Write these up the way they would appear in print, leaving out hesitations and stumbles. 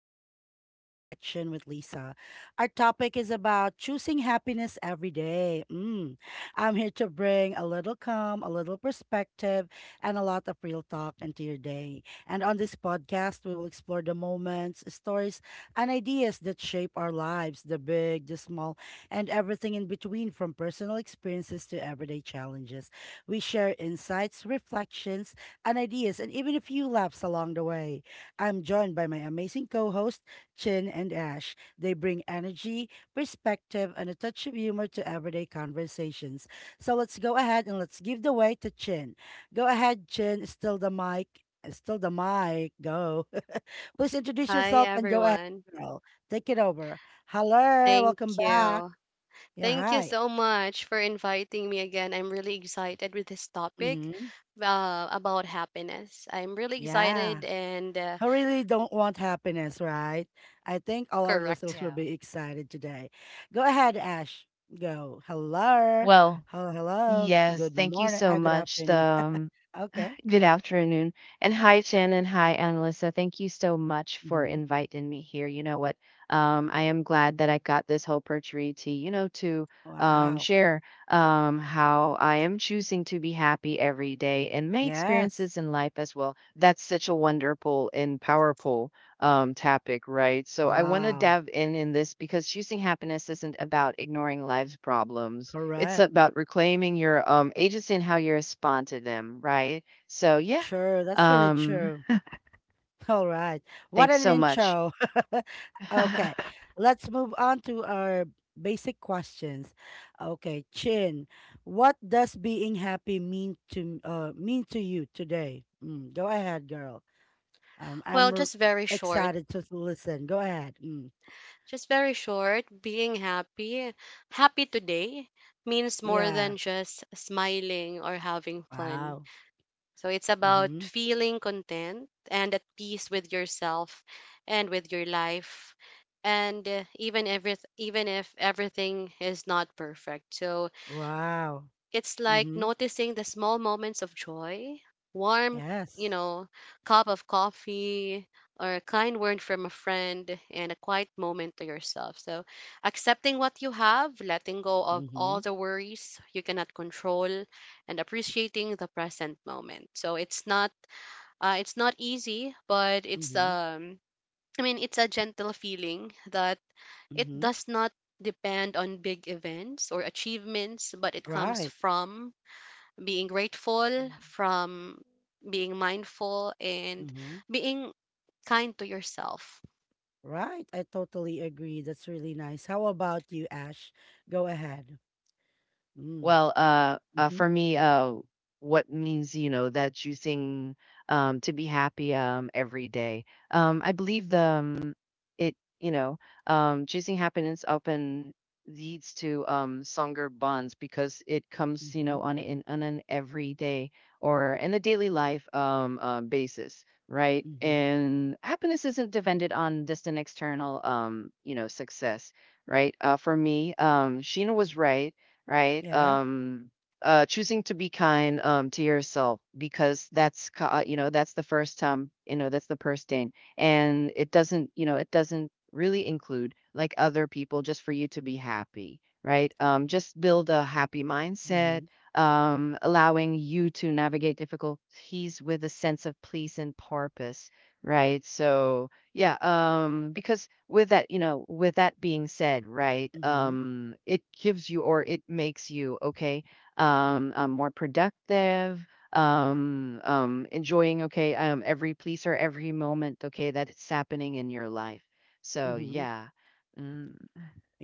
welcome to Everyday Reflection with Lisa. Our topic is about choosing happiness every day. Mm. I'm here to bring a little calm, a little perspective, and a lot of real talk into your day. And on this podcast, we will explore the moments, stories, and ideas that shape our lives, the big, the small, and everything in between, from personal experiences to everyday challenges. We share insights, reflections, and ideas, and even a few laughs along the way. I'm joined by my amazing co hosts, Chin and Ash. They bring energy, perspective, and a touch of humor to everyday conversations. So let's go ahead and let's give the way to Chin. Go ahead, Chin, still the mic. Still the mic. Go. Please introduce Hi, yourself and go ahead, everyone. girl. Take it over. Hello. Thank Welcome back. you. Yeah, Thank you hi. so much for inviting me again. I'm really excited with this topic Mm-hmm. About happiness. I'm really Yeah. excited and Who really don't want happiness, right? I think all our listeners correct. will Yeah. be excited today. Go ahead, Ash. Go. Hello. Well, Hello. Hello. yes, Good thank you morning. so Good much. afternoon. The Okay. Good afternoon. And hi, Jen, and hi, Annalisa. Thank you so much for Hmm. inviting me here. You know what? I am glad that I got this whole opportunity, to Wow. share how I am choosing to be happy every day and my Yes. experiences in life as well. That's such a wonderful and powerful topic, right? So I want to Wow. dive in this because choosing happiness isn't about ignoring life's problems. It's Correct. about reclaiming your agency and how you respond to them, right? So, yeah, Sure. That's really um, true. All right. What thanks an so much. intro. Okay. Let's move on to our basic questions. Okay, Chin, what does being happy mean to you today? Mm, go ahead, girl. Um, Well, I'm r- just very short. Excited to listen. Go ahead. Mm, Just very short. Being happy, happy today means more yeah. than just smiling or having fun. Wow. So it's about Mm-hmm. feeling content and at peace with yourself and with your life and even if everything is not perfect. So Wow. it's like Mm-hmm. noticing the small moments of joy, warm, you Yes. know, cup of coffee, or a kind word from a friend, and a quiet moment to yourself. So, accepting what you have, letting go of Mm-hmm. all the worries you cannot control, and appreciating the present moment. So, it's not easy, but it's Mm-hmm. I mean, it's a gentle feeling that it Mm-hmm. does not depend on big events or achievements, but it comes Right. from being grateful, Mm. from being mindful, and Mm-hmm. being kind to yourself. Right. I totally agree. That's really nice. How about you, Ash? Go ahead. Mm. Well, Mm-hmm. for me, what means, that choosing to be happy every day. I believe the it, you know, choosing happiness often leads to stronger bonds because it comes, Mm-hmm. on an everyday or in a daily life basis, right? Mm-hmm. And happiness isn't dependent on just an external, success, right? For me, Sheena was right, right? Yeah. Choosing to be kind to yourself because that's the first time you know that's the first thing, and it doesn't really include, like, other people just for you to be happy, right? Just build a happy mindset, Mm-hmm. Allowing you to navigate difficulties with a sense of peace and purpose, right? So yeah, because with that being said, right, Mm-hmm. It gives you or it makes you okay, more productive, enjoying, okay, every piece or every moment, okay, that it's happening in your life. So Mm-hmm. yeah. mm,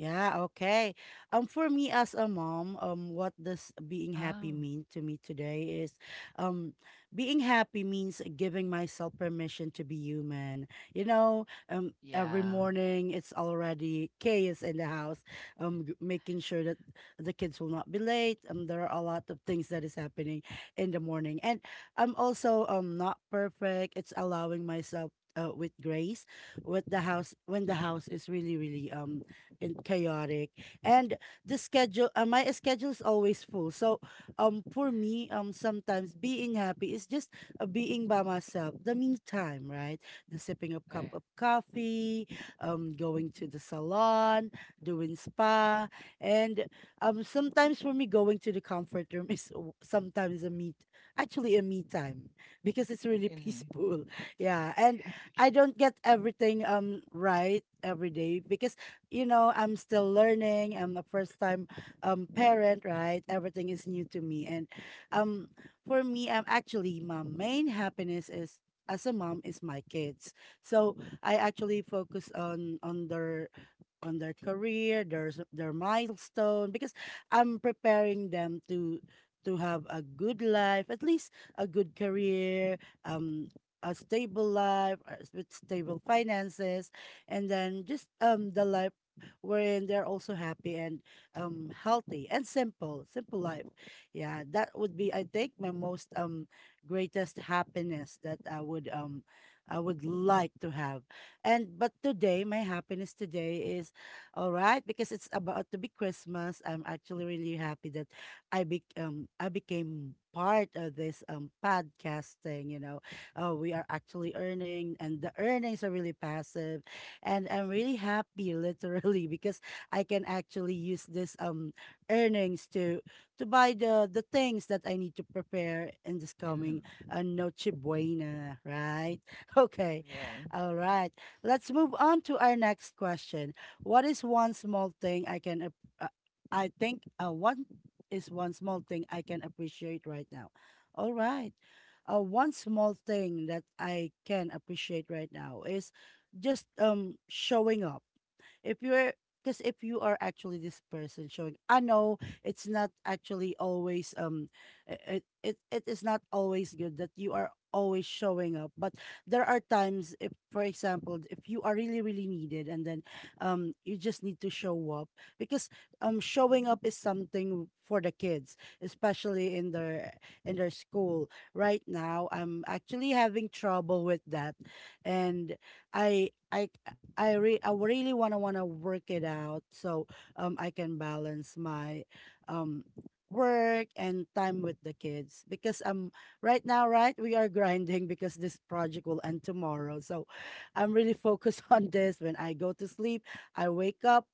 Yeah, okay. For me as a mom, what does being happy Oh, mean to me today is, um, being happy means giving myself permission to be human. You know, every yeah. morning it's already chaos in the house. Making sure that the kids will not be late. There are a lot of things that is happening in the morning, and I'm also not perfect. It's allowing myself. With grace, with the house when the house is really really and chaotic. And the schedule, my schedule is always full. So, for me, sometimes being happy is just being by myself. The me time, right? The sipping a Uh, cup of coffee, going to the salon, doing spa, and sometimes for me, going to the comfort room is sometimes a meet, actually a me time because it's really peaceful. Yeah, and I don't get everything right every day because you know, I'm still learning. I'm a first time parent, right? Everything is new to me. And um for me, I'm actually my main happiness is as a mom is my kids. So I actually focus on their career, their milestone because I'm preparing them to have a good life, at least a good career, um a stable life with stable finances and then just the life wherein they're also happy and healthy and simple, simple life. Yeah, that would be I think my most greatest happiness that I would like to have. And but today my happiness today is all right because it's about to be Christmas. I'm actually really happy that I became part of this podcasting. You know. We are actually earning and the earnings are really passive and I'm really happy literally because I can actually use this earnings to buy the things that I need to prepare in this and coming Noche Buena, right? Okay. Yeah. All right. Let's move on to our next question. What is one small thing I can ap- I think what is one small thing I can appreciate right now. All right. One small thing that I can appreciate right now is just showing up. If you're because if you are actually this person showing, I know it's not actually always it is not always good that you are always showing up, but there are times if for example if you are really really needed and then you just need to show up because showing up is something for the kids, especially in their school. Right now I'm actually having trouble with that, and I I I really wanna work it out, so I can balance my um work and time with the kids because right now, right, we are grinding because this project will end tomorrow, so I'm really focused on this. When I go to sleep, I wake up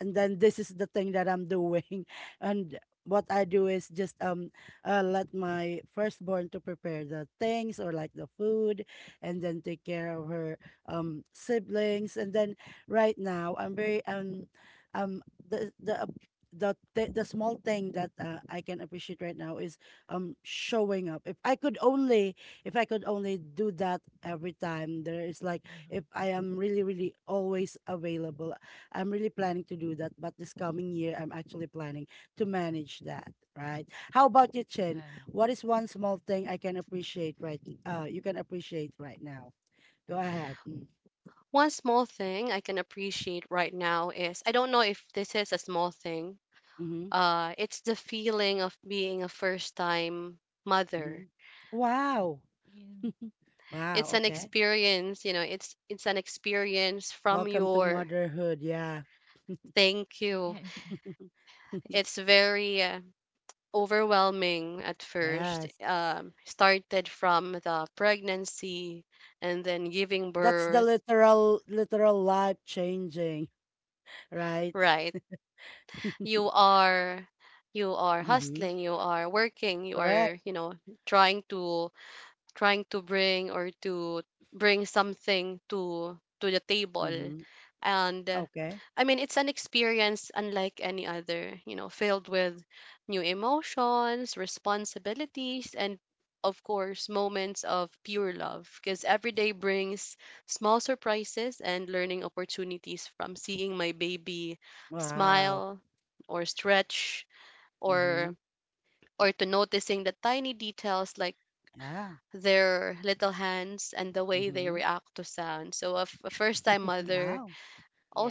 and then this is the thing that I'm doing. And what I do is just let my firstborn to prepare the things or like the food and then take care of her siblings, and then right now I'm very um the ap- the th- the small thing that I can appreciate right now is showing up. If I could only do that every time there is like Mhm. if I am really really always available. I'm really planning to do that, but this coming year I'm actually planning to manage that, right? How about you, Chen? Uh, What is one small thing I can appreciate right you can appreciate right now? Go ahead. Mm. One small thing I can appreciate right now is, I don't know if this is a small thing. Mhm, It's the feeling of being a first time mhm. mother. Wow. yeah. It's Wow, an okay. experience, you know, it's an experience from Welcome to your, motherhood. Yeah. thank you. It's very overwhelming at first. Yes. Started from the pregnancy and then giving That's the birth, literal literal life changing, right? right? You are, you are Mm-hmm. hustling, you are working, you Correct. are, you know, trying to trying to bring something to the table, Mm-hmm. and Okay. I mean, it's an experience unlike any other, you know, filled with new emotions, responsibilities, and of course moments of pure love, because every day brings small surprises and learning opportunities, from seeing my baby Wow. smile or stretch, Mm-hmm. or or to noticing the tiny details like Yeah. their little hands and the way they Mm-hmm. react to sound. So a, a first time mother, Wow.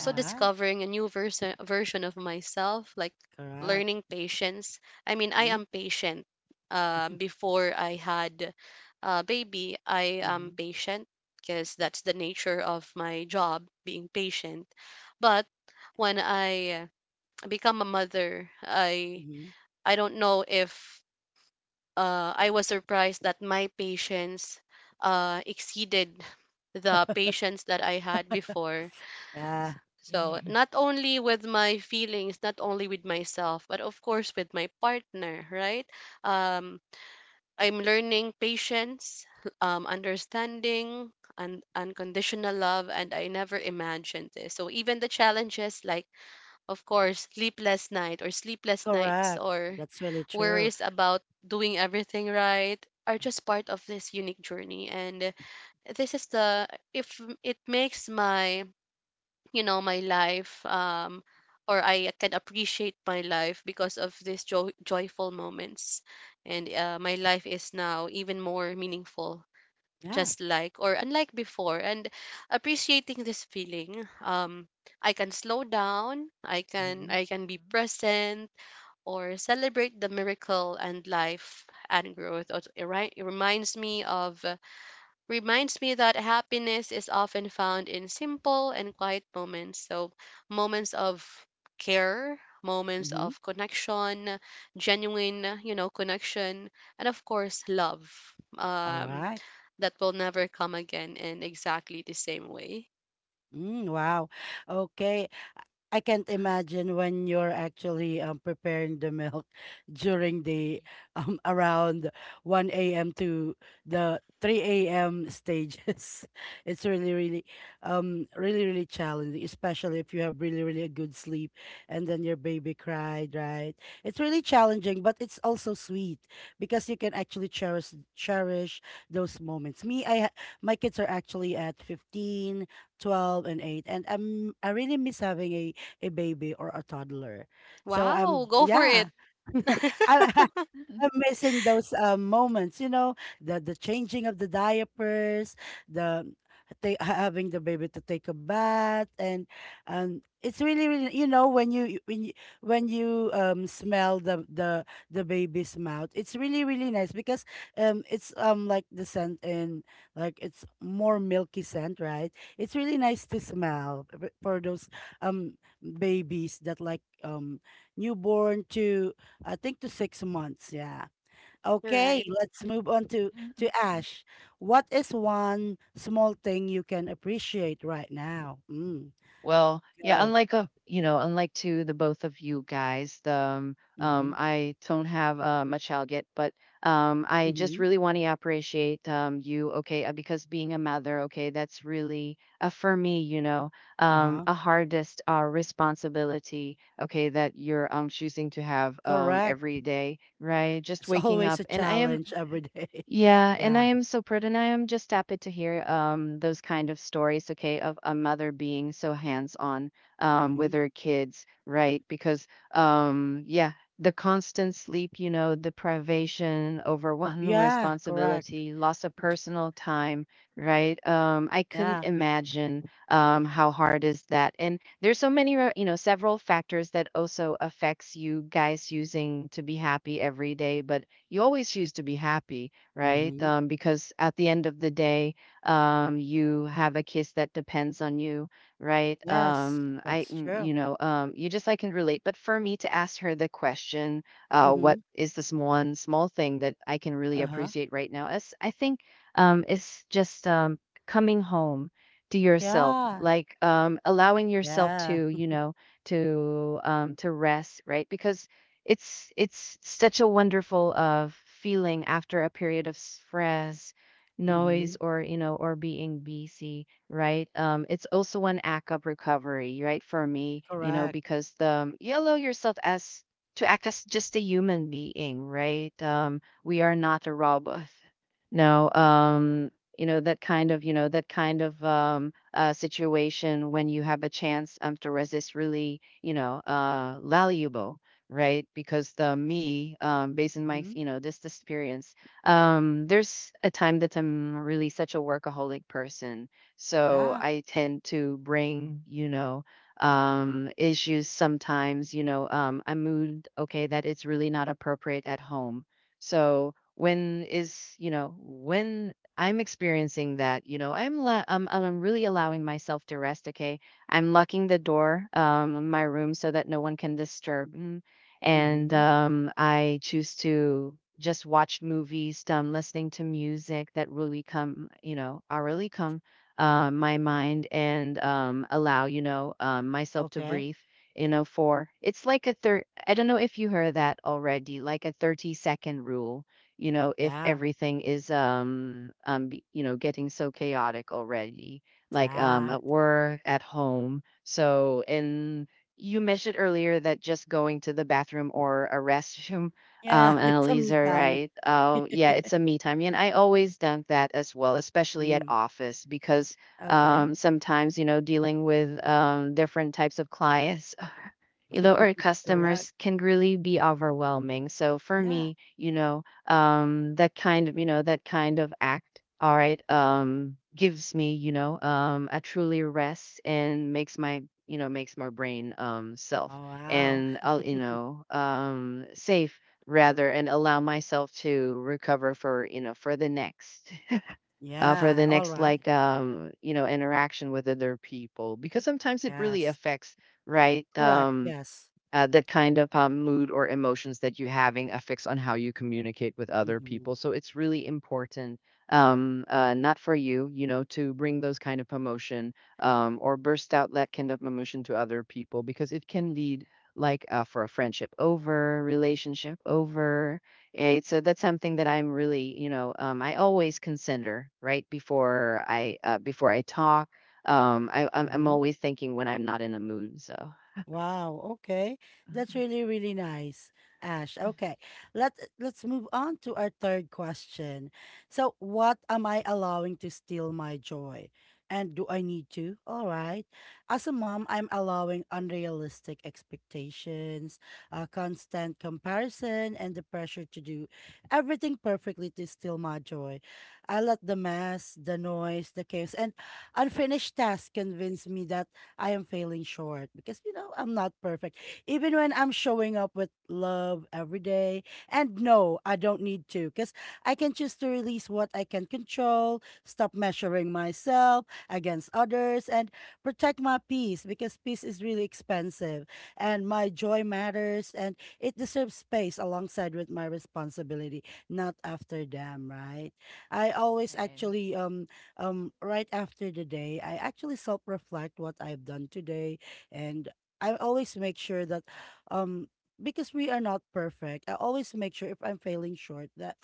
All right. discovering a new version of myself, like Correct. learning patience. I mean, I Mm-hmm. am patient. Before I had a baby, I am Mm-hmm. patient because that's the nature of my job, being patient. But when I become a mother, I Mm-hmm. I don't know if I was surprised that my patience exceeded the patience that I had before. Yeah. So, not only with my feelings, not only with myself, but of course with my partner, right? Um, I'm learning patience, understanding, and unconditional love, and I never imagined this. So, even the challenges like, of course, sleepless nights Correct. or That's really true. worries about doing everything right are just part of this unique journey. And this is the, if it makes my you know my life um, or I can appreciate my life because of these joyful moments, and my life is now even more meaningful, Yeah. just like or unlike before, and appreciating this feeling, um, I can slow down, i can Mm-hmm. i can be present or celebrate the miracle and life and growth. Also, it reminds me that happiness is often found in simple and quiet moments. So, moments of care, moments Mm-hmm. of connection, genuine, you know, connection, and of course, love, All um, right. that will never come again in exactly the same way. Mm, wow. Okay. I can't imagine when you're actually preparing the milk during the around 1 a.m. to the 3 a.m. stages. It's really, really, really, really challenging, especially if you have really, really a good sleep and then your baby cried, right? It's really challenging, but it's also sweet because you can actually cherish those moments. My kids are actually at 15, 12, and 8, and I really miss having a baby or a toddler. So Wow, I'm, go for it. yeah. I I'm missing those moments, you know, the changing of the diapers, the having the baby to take a bath, and it's really, really, you know, when you smell the baby's mouth. It's really really nice because it's like the scent and like it's more milky scent, right? It's really nice to smell for those um babies that like newborn to I think to 6 months. Yeah. Okay, Right. let's move on to Mhm. Ash. What is one small thing you can appreciate right now? Mm, Well, yeah, go. Unlike to the both of you guys, Mm-hmm. I don't have a child yet, but I just Mm-hmm. really want to appreciate you, okay, because being a mother, okay, that's really, for me, Uh-huh. a hardest responsibility, okay, that you're choosing to have Correct. every day, right? Just It's waking always up, a and I am, challenge every day. yeah, and I Yeah. am so proud, and I am just happy to hear those kind of stories, okay, of a mother being so hands-on with Mm-hmm. her kids, right? Because yeah, the constant sleep, the privation, overwhelming Yeah. Correct. responsibility, loss of personal time, right? I couldn't Yeah. imagine how hard is that. And there's so many, several factors that also affects you guys using to be happy every day, but you always choose to be happy, right? Mm-hmm. Because at the end of the day, you have a kiss that depends on you, right? Yes, I, that's mm, true. you know, you just I can relate. But for me to ask her the question, what Mm-hmm. is this one small thing that I can really Uh-huh. appreciate right now? Is I think it's just coming home to yourself, Yeah. like allowing yourself Yeah. to to rest, right? Because it's such a wonderful feeling after a period of stress, Mm-hmm. noise, or or being busy, right. It's also an act of recovery, right, for me, Correct. because you allow yourself as to act as just a human being, right. We are not a robot, no. That kind of that kind of situation when you have a chance to resist really, valuable, right? Because the me, based on my, Mm-hmm. This experience, there's a time that I'm really such a workaholic person. So Yeah. I tend to bring, issues sometimes, a mood, okay, that it's really not appropriate at home. So when is, when I'm experiencing that, I'm really allowing myself to rest, okay. I'm locking the door in my room so that no one can disturb. And Mm-hmm. I choose to just watch movies, listening to music that really come, are really come my mind, and allow, myself to Okay. breathe, for it's like a third. I don't know if you heard that already, like a 30-second rule. If Yeah. everything is, getting so chaotic already, like Yeah. at work, at home. So in you mentioned earlier that just going to the bathroom or a restroom, Yeah, it's a Annalise, me are time. right? Yeah, it's a me time. And I always done that as well, especially at Mm, office, because okay, sometimes, dealing with different types of clients, our correct. customers can really be overwhelming. So for Yeah. me, that kind of act, all right, gives me, a truly rest and makes my, makes my brain self, Oh, wow. and I'll, safe rather and allow myself to recover for, you know, for the next for Yeah, the all next, right. like interaction with other people, because sometimes it really Yes, affects, right. correct. Yes. The kind of mood or emotions that you're having affects on how you communicate with other Mm-hmm. people. So it's really important, not for you, to bring those kind of emotion, or burst out that kind of emotion to other people, because it can lead, like, for a friendship over, relationship over. Right? So that's something that I'm really, I always consider right before I talk. I'm Mm-hmm. always thinking when I'm not in a mood. So. Wow. Okay. That's Mhm. really, really nice, Ash. Okay. Let let's move on to our third question. So, what am I allowing to steal my joy? And do I need to? All right. As a mom, I'm allowing unrealistic expectations, constant comparison, and the pressure to do everything perfectly to steal my joy. I let the mess, the noise, the chaos, and unfinished tasks convince me that I am failing short because, you know, I'm not perfect. Even when I'm showing up with love every day. And no, I don't need to, because I can choose to release what I can control, stop measuring myself against others, and protect my peace, because peace is really expensive and my joy matters and it deserves space alongside with my responsibility, not after them, right? I always Right. actually right after the day, I actually self reflect what I've done today. And I always make sure that, um, because we are not perfect, I always make sure if I'm failing short that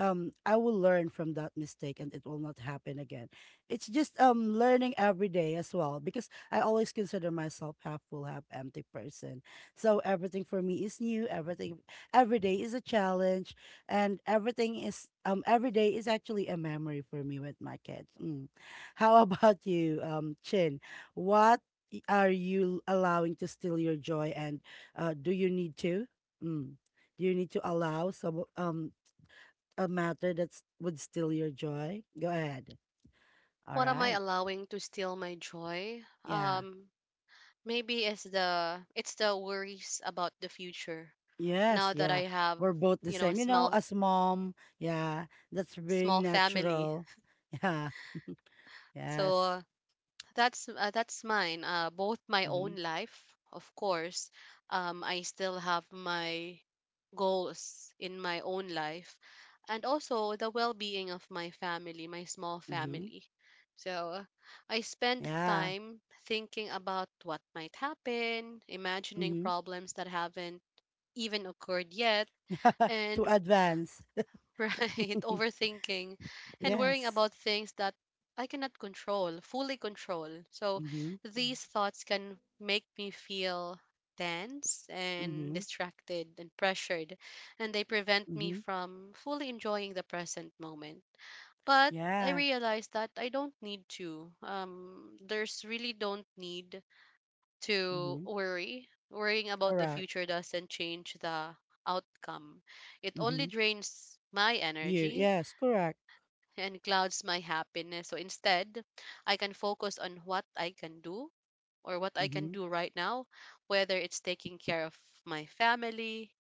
I will learn from that mistake and it will not happen again. It's just learning every day as well, because I always consider myself half full, half empty person. So everything for me is new. Every day is a challenge and everything is every day is actually a memory for me with my kids. Mm. How about you, Chin? What are you allowing to steal your joy, and do you need to? Mm. Do you need to allow some a matter that would steal your joy? Go ahead. All What am I right. allowing to steal my joy? Yeah. Maybe it's the worries about the future. Yes, Now that I yeah. have, We're both the you know, a same. You know, small as mom, yeah, that's being small family. natural. So Yeah, yes. That's mine. Both my Mm-hmm. own life, of course. I still have my goals in my own life, and also the well-being of my family, my small Mm-hmm. family. So uh, I spend Yeah. time thinking about what might happen, imagining Mm-hmm. problems that haven't even occurred yet, To and advance. right, overthinking and worrying Yes. about things that I cannot control, fully control. So Mm-hmm. Mm, these thoughts can make me feel tense and Mm-hmm. distracted and pressured, and they prevent me Mm-hmm. from fully enjoying the present moment. But I Yeah. realized that I don't need to. There's really, don't need to Mm-hmm. worry. Worrying about the Correct. future doesn't change the outcome. It only Mm-hmm. drains my You. energy Yes. Correct. and clouds my happiness. So instead, I can focus on what I can Mm-hmm. do right now, whether it's taking care of my family,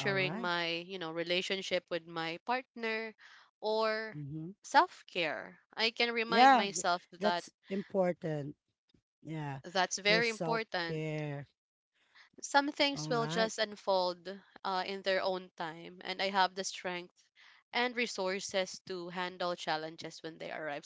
All right. my, you know, relationship with my partner, or Mm-hmm. self-care. I can remind Yeah. Myself that That's important. Yeah. that's Your very self important, care. some things All will right. just unfold in their own time, and I have the strength and resources to handle challenges when they arrive.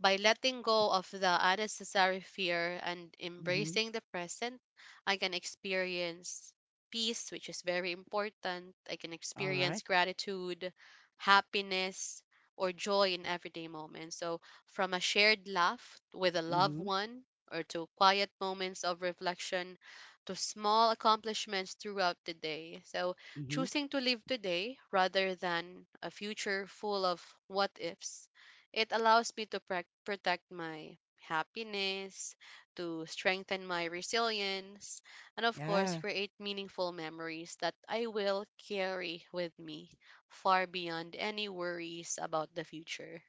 By letting go of the unnecessary fear and Mm-hmm. embracing the present, I can experience peace, which is very important. I can All right. experience gratitude, happiness, or joy in everyday moments. So, from a shared laugh with a loved Mm-hmm. one, or to quiet moments of reflection, to small accomplishments throughout the day. So, Mm-hmm. choosing to live today rather than a future full of what ifs it allows me to protect my happiness, to strengthen my resilience, and of course, Yeah. create meaningful memories that I will carry with me far beyond any worries about the future.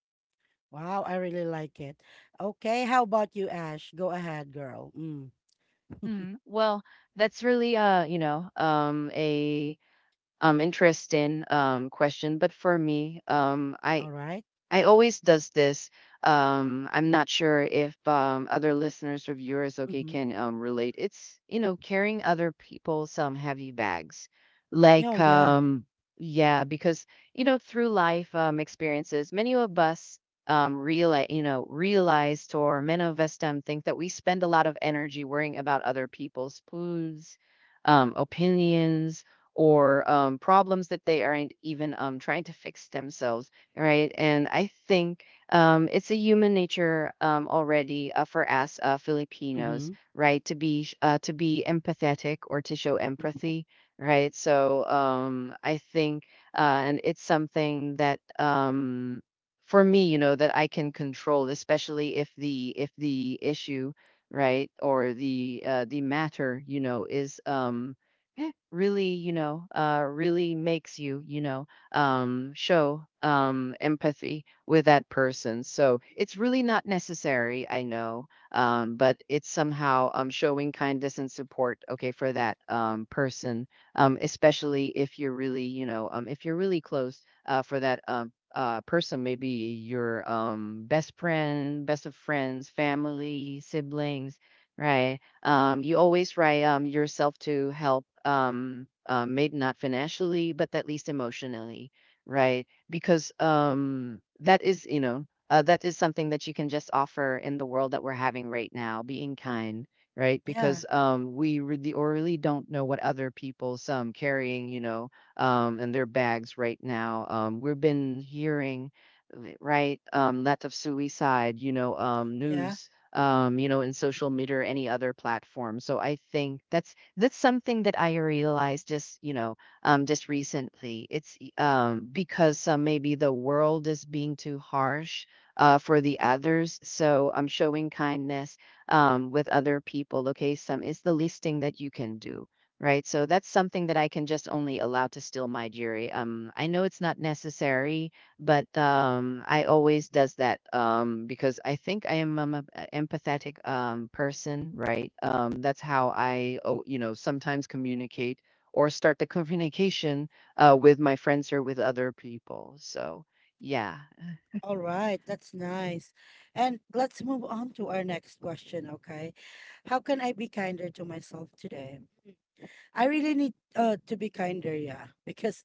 Wow. I really like it. Okay. How about you, Ash? Go ahead, girl. Mm. Well, that's really a interesting question, but for me, I All right. I always does this. I'm not sure if other listeners or viewers, okay, Mm-hmm. can relate. It's carrying other people some heavy bags, like, Oh, yeah. Yeah, because through life experiences, many of us realized or many of us think that we spend a lot of energy worrying about other people's foods, opinions, or problems that they aren't even trying to fix themselves, right? And I think it's a human nature already, for us, Filipinos, Mm-hmm. right, to be empathetic or to show empathy, right? So I think, and it's something that for me, that I can control, especially if the issue, right, or the matter, is, really, really makes you, show empathy with that person. So it's really not necessary, I know, but it's somehow showing kindness and support, okay, for that person, especially if you're really, if you're really close, for that person, maybe your best friend, best of friends, family, siblings, right? You always try yourself to help, maybe not financially, but at least emotionally, right? Because that is something that you can just offer in the world that we're having right now, being kind, right? Yeah. Because we really or really don't know what other people's carrying, in their bags right now. We've been hearing, right, lots of suicide, Yeah. news, in social media or any other platform. So I think that's something that I realized just, just recently. Because maybe the world is being too harsh, for the Huh? others. So I'm showing kindness with other people. Okay, some is the least thing that you can do. Right. So that's something that I can just only allow to steal my jury. I know it's not necessary, but I always does that, because I think I am, a empathetic person, right. That's how I, oh, sometimes communicate or start the communication with my friends or with other people. So yeah. All right. That's nice. And let's move on to our next question, okay? How can I be kinder to myself today? I really need to be kinder, yeah, because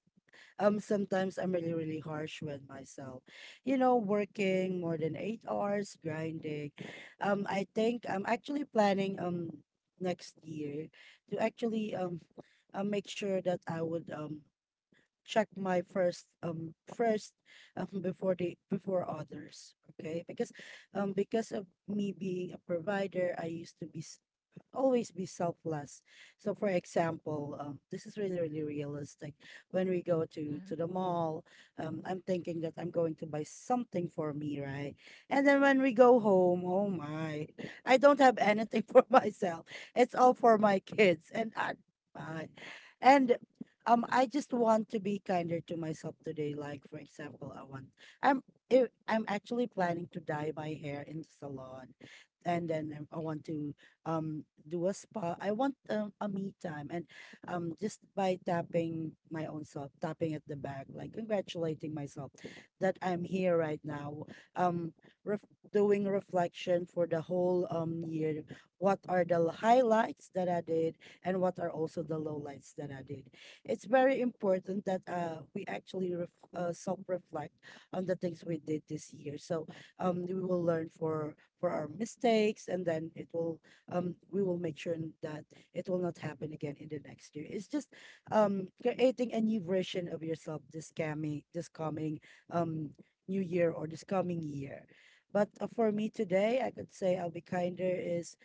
sometimes I'm really harsh with myself. You know, working more than 8 hours, grinding. I think I'm actually planning next year to actually make sure that I would check my first before the before others, okay, because of me being a provider, I used to be always be selfless. So, for example, this is really realistic. When we go to Mhm. the mall, I'm thinking that I'm going to buy something for me, right? And then when we go home, oh my, I don't have anything for myself. It's all for my kids, I and I just want to be kinder to myself today. Like, for example, I want I'm. I- I'm actually planning to dye my hair in the salon, and then I want to um do a spa. I want, a me time, and just by tapping my own self, tapping at the back, like congratulating myself that I'm here right now. Um, ref Doing reflection for the whole year. What are the highlights that I did, and what are also the lowlights that I did? It's very important that we actually ref self-reflect on the things we did this year. So we will learn for our mistakes, and then it will, we will make sure that it will not happen again in the next year. It's just, creating a new version of yourself this coming, um, new year or this coming year. But for me today, I could say I'll be kinder is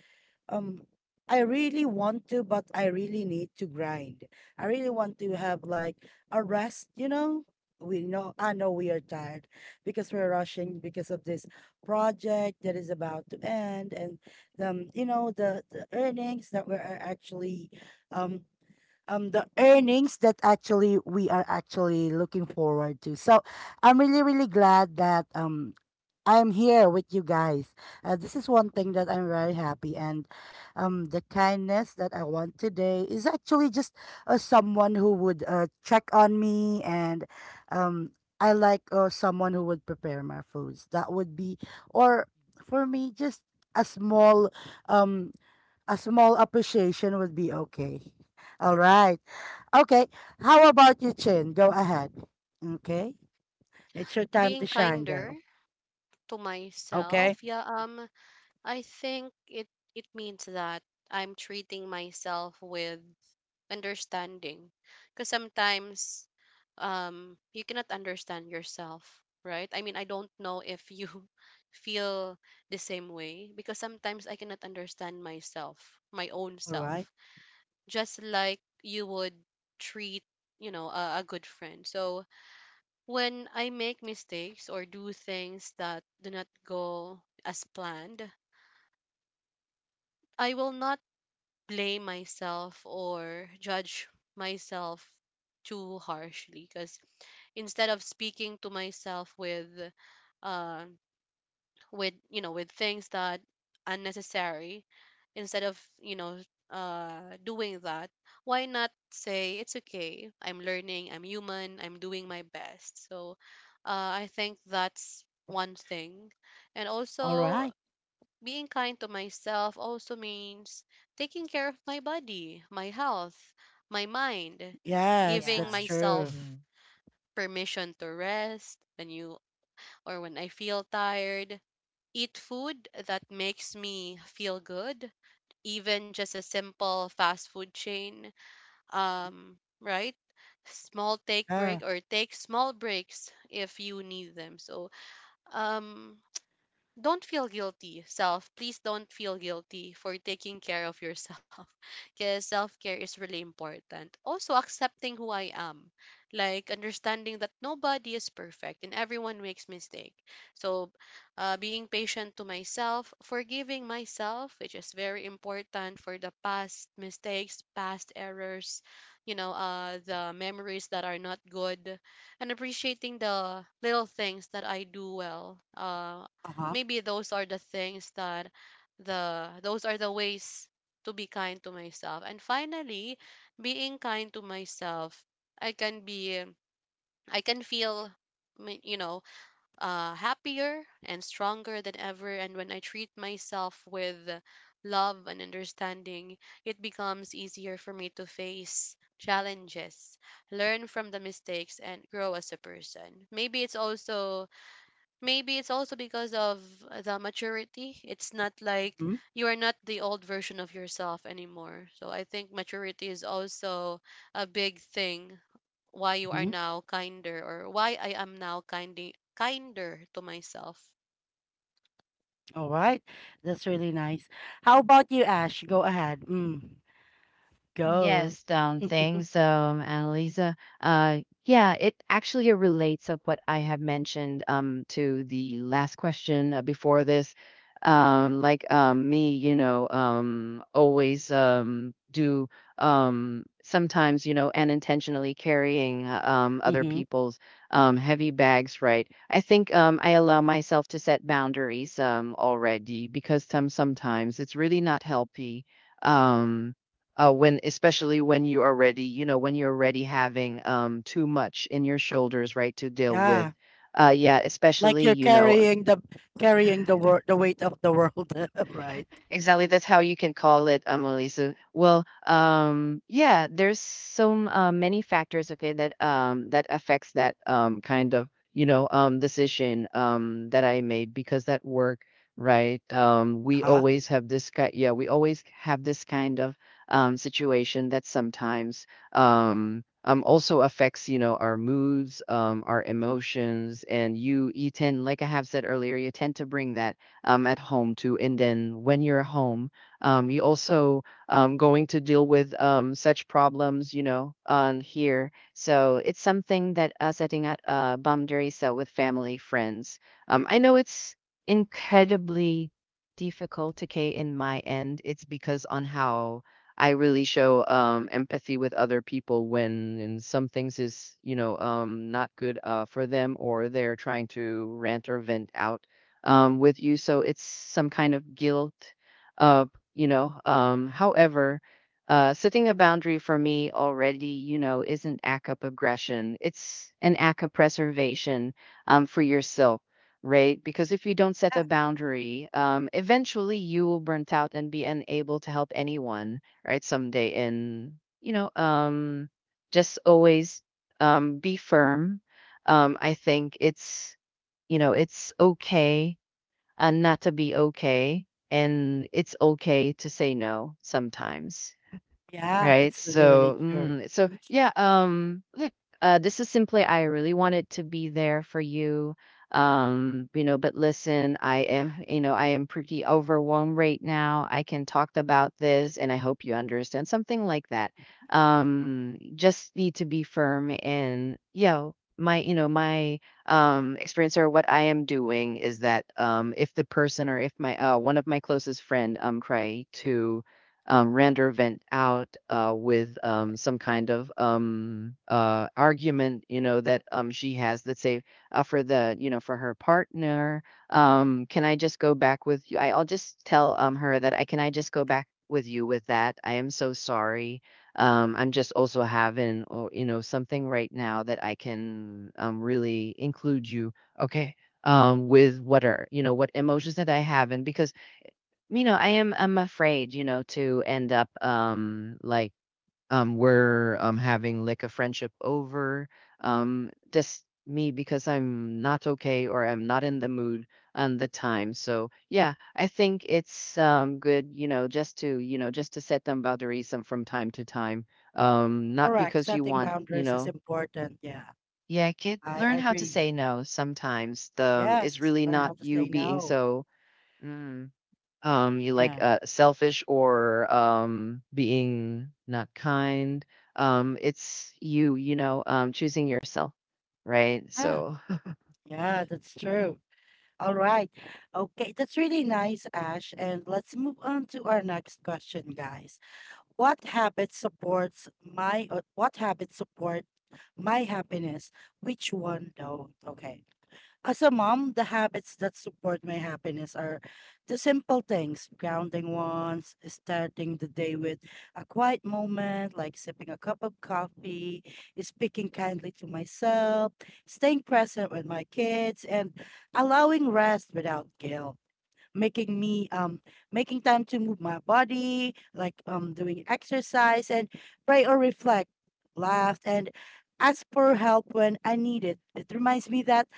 um I really want to, but I really need to grind. I really want to have like a rest, you know? We know I know we are tired because we're rushing because of this project that is about to end, and you know the earnings that we're actually um um the earnings that actually we are actually looking forward to. So I'm really glad that I'm here with you guys. This is one thing that I'm very happy, and the kindness that I want today is actually just, someone who would, check on me, and I like, someone who would prepare my foods. That would be, or for me, just a small, um, a small appreciation would be okay. All right. Okay. How about you, Chin? Go ahead. Okay. It's your time to Being shine, kinder girl. to Okay. myself, yeah, I think it means that I'm treating myself with understanding, because sometimes, um, you cannot understand yourself, right? I mean, I don't know if you feel the same way, because sometimes I cannot understand myself, my own All right. self, just like you would treat, you know, a good friend. So, when I make mistakes or do things that do not go as planned, I will not blame myself or judge myself too harshly, because instead of speaking to myself with uh, with, you know, with things that unnecessary, instead of, you know, uh, doing that, why not say, it's okay, I'm learning, I'm human, I'm doing my best. So uh, I think that's one thing. And All also, right. being kind to myself also means taking care of my body, my health, my mind, Yes, giving Yeah. that's true. myself Mhm. permission to rest when you or when I feel tired, eat food that makes me feel good, even just a simple fast food chain, right? Small take Yeah. break or take small breaks if you need them. So, um, don't feel guilty, self. Please don't feel guilty for taking care of yourself, because self care is really important. Also, accepting who I am, like understanding that nobody is perfect and everyone makes mistake. So, being patient to myself, forgiving myself, which is very important, for the past mistakes, past errors, you know, the memories that are not good, and appreciating the little things that I do well. Uh-huh. Maybe those are the things that, the those are the ways to be kind to myself. And finally, being kind to myself, i can be I can feel, you know, uh, happier and stronger than ever. And when I treat myself with love and understanding, it becomes easier for me to face challenges, learn from the mistakes, and grow as a person. Maybe it's also because of the maturity. It's not like Mm-hmm. you are not the old version of yourself anymore. So I think maturity is also a big thing why you are Mm-hmm. now kinder, or why I am now kindly kinder to myself. All right. That's really nice. How about you, Ash? Go ahead. Mm. Go. Yes, thanks, Annalisa. Yeah, it actually relates of what I have mentioned to the last question before this. Like me, always do, sometimes, unintentionally carrying, other Mm-hmm. people's heavy bags, right? I think I allow myself to set boundaries already because sometimes it's really not healthy. Um, when especially when you're already when you're already having too much in your shoulders, right, to deal with Yeah. uh Yeah, Like especially, you're you know. carrying the wor the weight of the world, right? Exactly. That's how you can call it, Emily. So, well, yeah, there's so many factors, okay, that that affects that kind of, decision that I made because that work, right? We Huh? always have this kind, yeah, we always have this kind of situation that sometimes also affects, you know, our moods, our emotions, and you tend, like I have said earlier, you tend to bring that at home too. And then when you're home, you also going to deal with such problems, you know, on here. So it's something that setting at boundaries with family, friends. I know it's incredibly difficult to Kay in my end. It's because on how I really show empathy with other people when in some things is, you know, not good for them, or they're trying to rant or vent out with you. So it's some kind of guilt, uh, you know. However, setting a boundary for me already, you know, is an act of aggression. It's an act of preservation for yourself, right? Because if you don't set Yeah. a boundary, eventually you will burn out and be unable to help anyone, right? Someday, and you know, just always be firm. I think it's, you know, it's okay and not to be okay. And it's okay to say no sometimes. Yeah, Right. that's really, really So, true. So Mm. yeah. Look, this is simply I really wanted to be there for you. You know, but listen, I am, you know, I am pretty overwhelmed right now. I can talk about this, and I hope you understand something like that. Just need to be firm, and you know my, you know my experience, or what I am doing is that if the person or if my one of my closest friend try to Rander went out with some kind of argument, you know, that she has. Let's say for the, you know, for her partner. Can I just go back with you? I'll just tell her that I, can I just go back with you with that? I am so sorry. I'm just also having, oh, you know, something right now that I can really include you. Okay. With what are, you know, what emotions that I have. And because you know, I'm afraid, you know, to end up like we're having like a friendship over just me because I'm not okay or I'm not in the mood on the time. So, yeah, I think it's good, you know, just to, you know, just to set them boundaries from time to time. Not Correct. because you Setting want, you boundaries is know, important. Yeah. yeah, kid, I learn how to agree. say no sometimes. The it's Yes, really learn not how to you say being no. so mm, you like Yeah. Selfish or being not kind, Mhm. it's you, you know, choosing yourself, right, Yeah. so. Yeah, that's Mm. true. All right. Okay, that's really nice, Ash. And let's move on to our next question, guys. What habit support my happiness? Which one don't? Okay. As a mom, the habits that support my happiness are the simple things, grounding ones, starting the day with a quiet moment, like sipping a cup of coffee, speaking kindly to myself, staying present with my kids, and allowing rest without guilt. Making me um Making time to move my body, like doing exercise, and pray or reflect, laugh, and ask for help when I need it. It reminds me that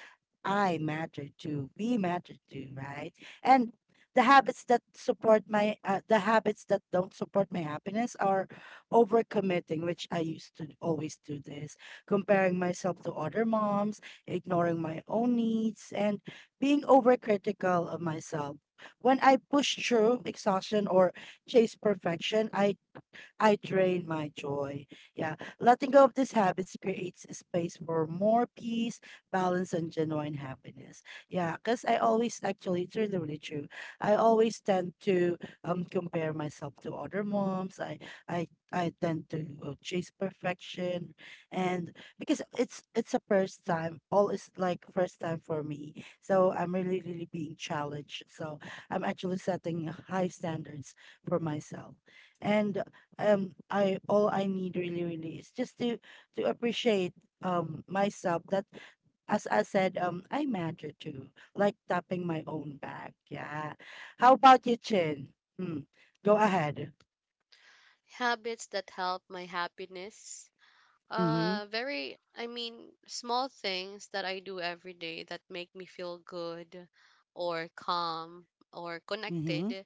I matter too. We matter too, right? And the habits that don't support my happiness are overcommitting, which I used to always do this, comparing myself to other moms, ignoring my own needs, and being overcritical of myself. When I push through exhaustion or chase perfection, I drain my joy. Yeah. Letting go of these habits creates a space for more peace, balance, and genuine happiness. Yeah. Because I always, actually, it's really true. I always tend to compare myself to other moms. I tend to, chase perfection, and because it's a first time, all is like first time for me. So I'm really being challenged. So I'm actually setting high standards for myself. And I, all I need really is just to appreciate myself, that as I said, um, I matter too, like tapping my own back. Yeah. How about you, Chin? Mm, go ahead. Habits that help my happiness. Mm-hmm. Very, I mean, small things that I do every day that make me feel good or calm or Mm-hmm. connected.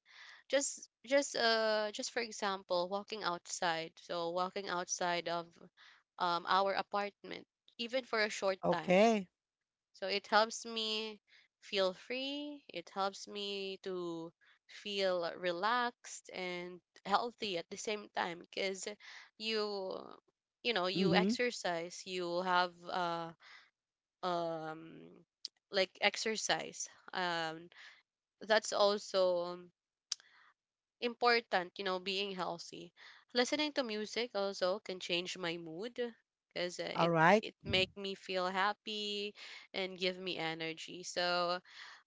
Just for example, walking outside. So walking outside of our apartment, even for a short time. Okay. So it helps me feel free. It helps me to feel relaxed and healthy at the same time, because you you know, you Mm-hmm. exercise, you have um like exercise, um, that's also important, you know, being healthy. Listening to music also can change my mood, because All it right. it make me feel happy and give me energy. So,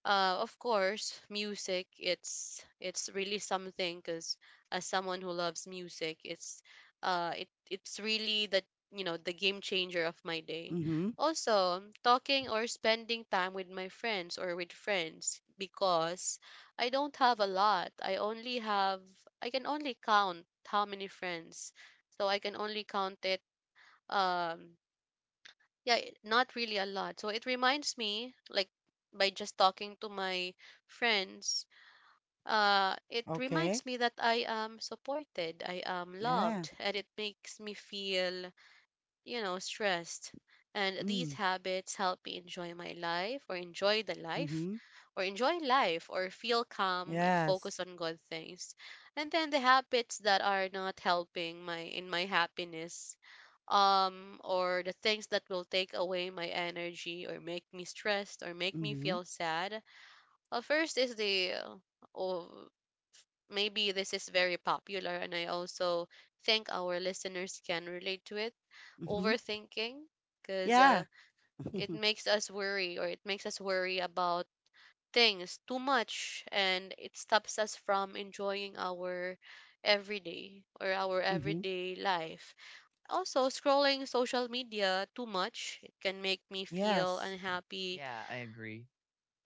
of course, music, it's really something, because as someone who loves music, it it's really the, you know, the game changer of my day. Mm-hmm. Also, talking or spending time with my friends, or with friends, because I don't have a lot. I only have, I can only count how many friends. So I can only count it, um, yeah, not really a lot. So it reminds me, like, by just talking to my friends, uh, it Okay. reminds me that I am supported, I am Yeah. loved, and it makes me feel, you know, stressed. And Mm. these habits help me enjoy my life or enjoy the life Mm-hmm. or enjoy life or feel calm and Yes. focus on good things. And then the habits that are not helping my happiness, um, or the things that will take away my energy or make me stressed or make me Mm-hmm. feel sad. First is the uh, maybe this is very popular, and I also think our listeners can relate to it. Mm-hmm. Overthinking because Yeah. uh, it Mm-hmm. makes us worry or it makes us worry about things too much, and it stops us from enjoying our everyday or our everyday life. Also, scrolling social media too much, it can make me feel Yes. unhappy, Yeah, I agree.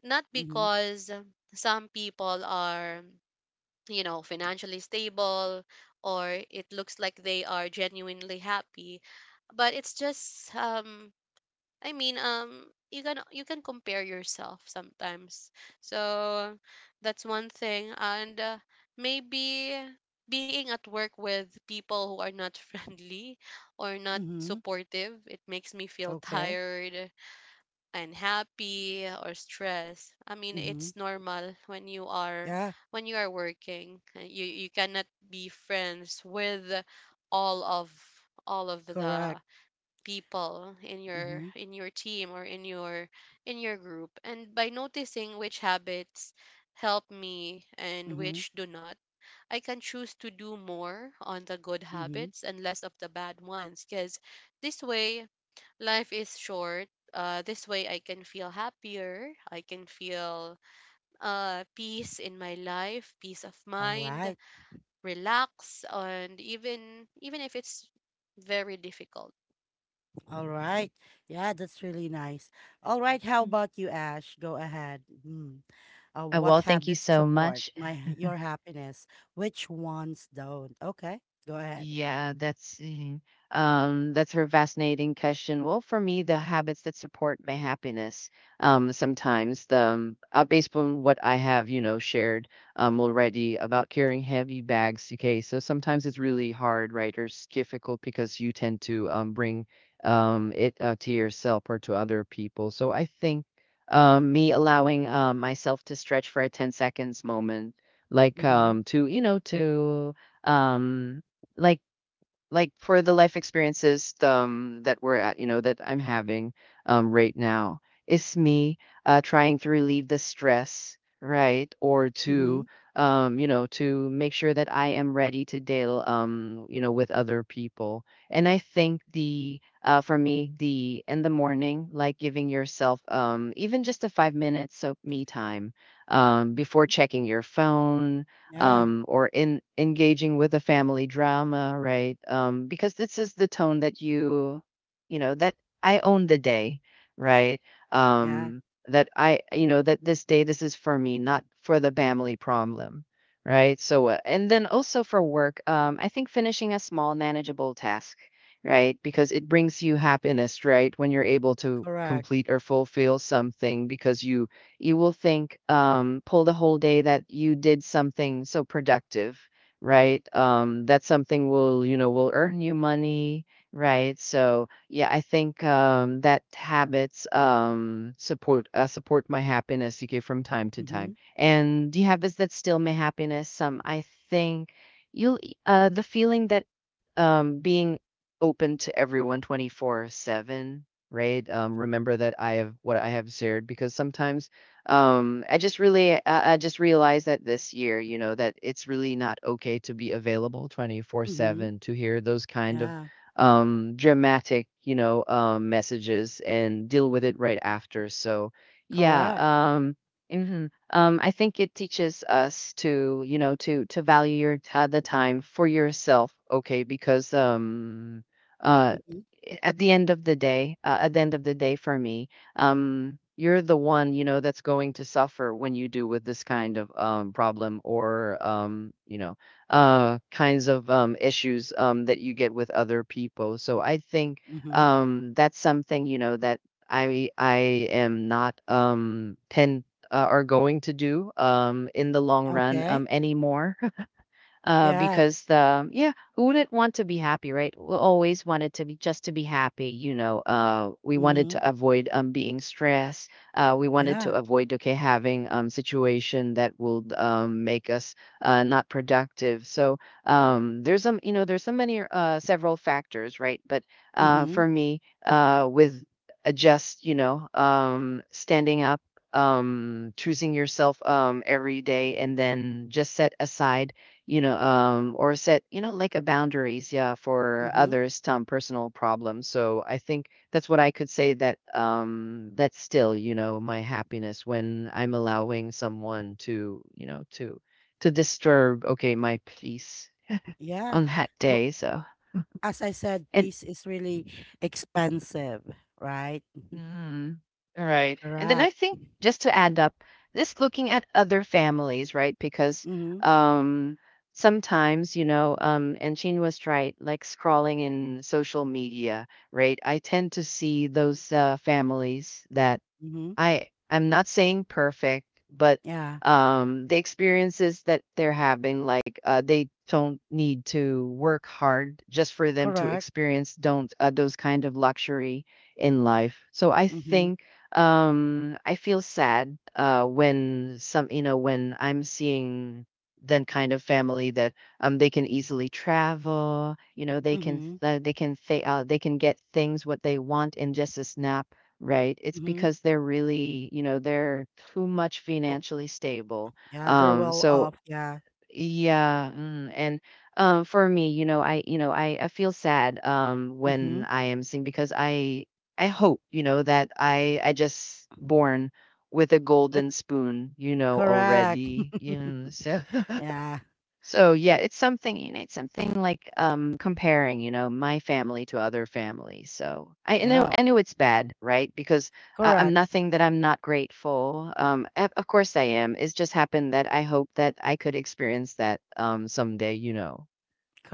not Mm-hmm. because some people are, you know, financially stable, or it looks like they are genuinely happy. But it's just. I mean, you can compare yourself sometimes. So that's one thing, and maybe being at work with people who are not friendly or not Mm-hmm. supportive, it makes me feel Okay. tired, unhappy, or stressed. I mean, Mm-hmm. it's normal Yeah. when you are working. You cannot be friends with all of all of Correct. the people Mm-hmm. In your team or in your group. And by noticing which habits help me and Mm-hmm. which do not, I can choose to do more on the good Mm-hmm. habits and less of the bad ones because this way, life is short. This way I can feel happier. I can feel peace in my life, peace of All mind, right. relax, and even if it's very difficult. All right. Yeah, that's really nice. All right. How Mm. about you, Ash? Go ahead. Mm. What Well, thank you habits so support much. my your happiness? Which ones don't? Okay. Go ahead. Yeah, that's mhm. That's a fascinating question. Well, for me, the habits that support my happiness, sometimes the based on what I have, you know, shared already about carrying heavy bags. Okay, so sometimes it's really hard, right, or it's difficult because you tend to bring it to yourself or to other people. So I think me allowing myself to stretch for a 10 seconds moment, like Mm-hmm. To you know to um like like for the life experiences that we're at, you know, that I'm having right now is me trying to relieve the stress, right, or Mm-hmm. to you know to make sure that I am ready to deal you know with other people. And I think the for me the in the morning, like giving yourself even just a 5-minute minutes of me time before checking your phone, Yeah. Or in engaging with a family drama, right? Because this is the tone that you know, that I own the day, right? Yeah. Um, that I, you know, that this day, this is for me, not for the family problem, right? So, and then also for work, I think finishing a small, manageable task, right? Because it brings you happiness, right? When you're able to Correct. complete or fulfill something because You will think, pull the whole day that you did something so productive, right? That something will, you know, will earn you money, right? So yeah, I think that habits support support my happiness, okay? From time to Mm-hmm. time. And the habits that still my happiness, some, I think you'll, the feeling that being open to everyone 24/7, right, remember that I have what I have shared, because sometimes I just really, I just realized that this year, you know, that it's really not okay to be available Mm-hmm. 24/7 to hear those kind of Yeah. Dramatic, you know, messages and deal with it right after, so yeah, Correct. Mhm. Um, I think it teaches us to, you know, to value the time for yourself, okay, because uh Mm-hmm. At the end of the day, at the end of the day for me, you're the one, you know, that's going to suffer when you do with this kind of problem, or, you know, kinds of issues that you get with other people. So I think Mm-hmm. That's something, you know, that I am not pin, are going to do in the long run Okay. Anymore, Yeah. because yeah, who wouldn't want to be happy, right? We always wanted to be, just to be happy, you know. We wanted Mm-hmm. to avoid being stressed. We wanted to Yeah. avoid, okay, having situation that will make us not productive. So there's some, you know, there's so many, several factors, right? But Mm-hmm. for me with just you know standing up choosing yourself every day, and then just set aside you know, or set, you know, like a boundaries, yeah, for Mm-hmm. others' some personal problems. So I think that's what I could say that that's still, you know, my happiness when I'm allowing someone to, you know, to disturb, okay, my peace Yeah. on that day. So As I said, and peace is really expensive, right? Mm, all right. And then I Correct. think just to add up, this looking at other families, right? Because Mm-hmm. um, sometimes, you know, and Chin was right, like scrolling in social media, right? I tend to see those families that Mm-hmm. I'm not saying perfect, but Yeah. The experiences that they're having, like they don't need to work hard just for them to Correct. experience don't those kind of luxury in life. So I Mm-hmm. think I feel sad when some, you know, when I'm seeing then kind of family that they can easily travel, you know, Mm-hmm. They can say they can get things what they want in just a snap. Right. It's Mm-hmm. because they're really, you know, they're too much Oh, financially stable. yeah, they're well So off. Yeah. yeah, and for me, you know, you know, I feel sad Mm-hmm. when I am seeing because I hope, you know, that I just born with a But golden spoon, you know, already. correct. You so Yeah. so yeah, it's something, you know, it's something like comparing, you know, my family to other families. So I know, Yeah. I know it's bad, right? Because I'm Correct. nothing that I'm not grateful. Of course I am. It's just happened that I hope that I could experience that someday, you know,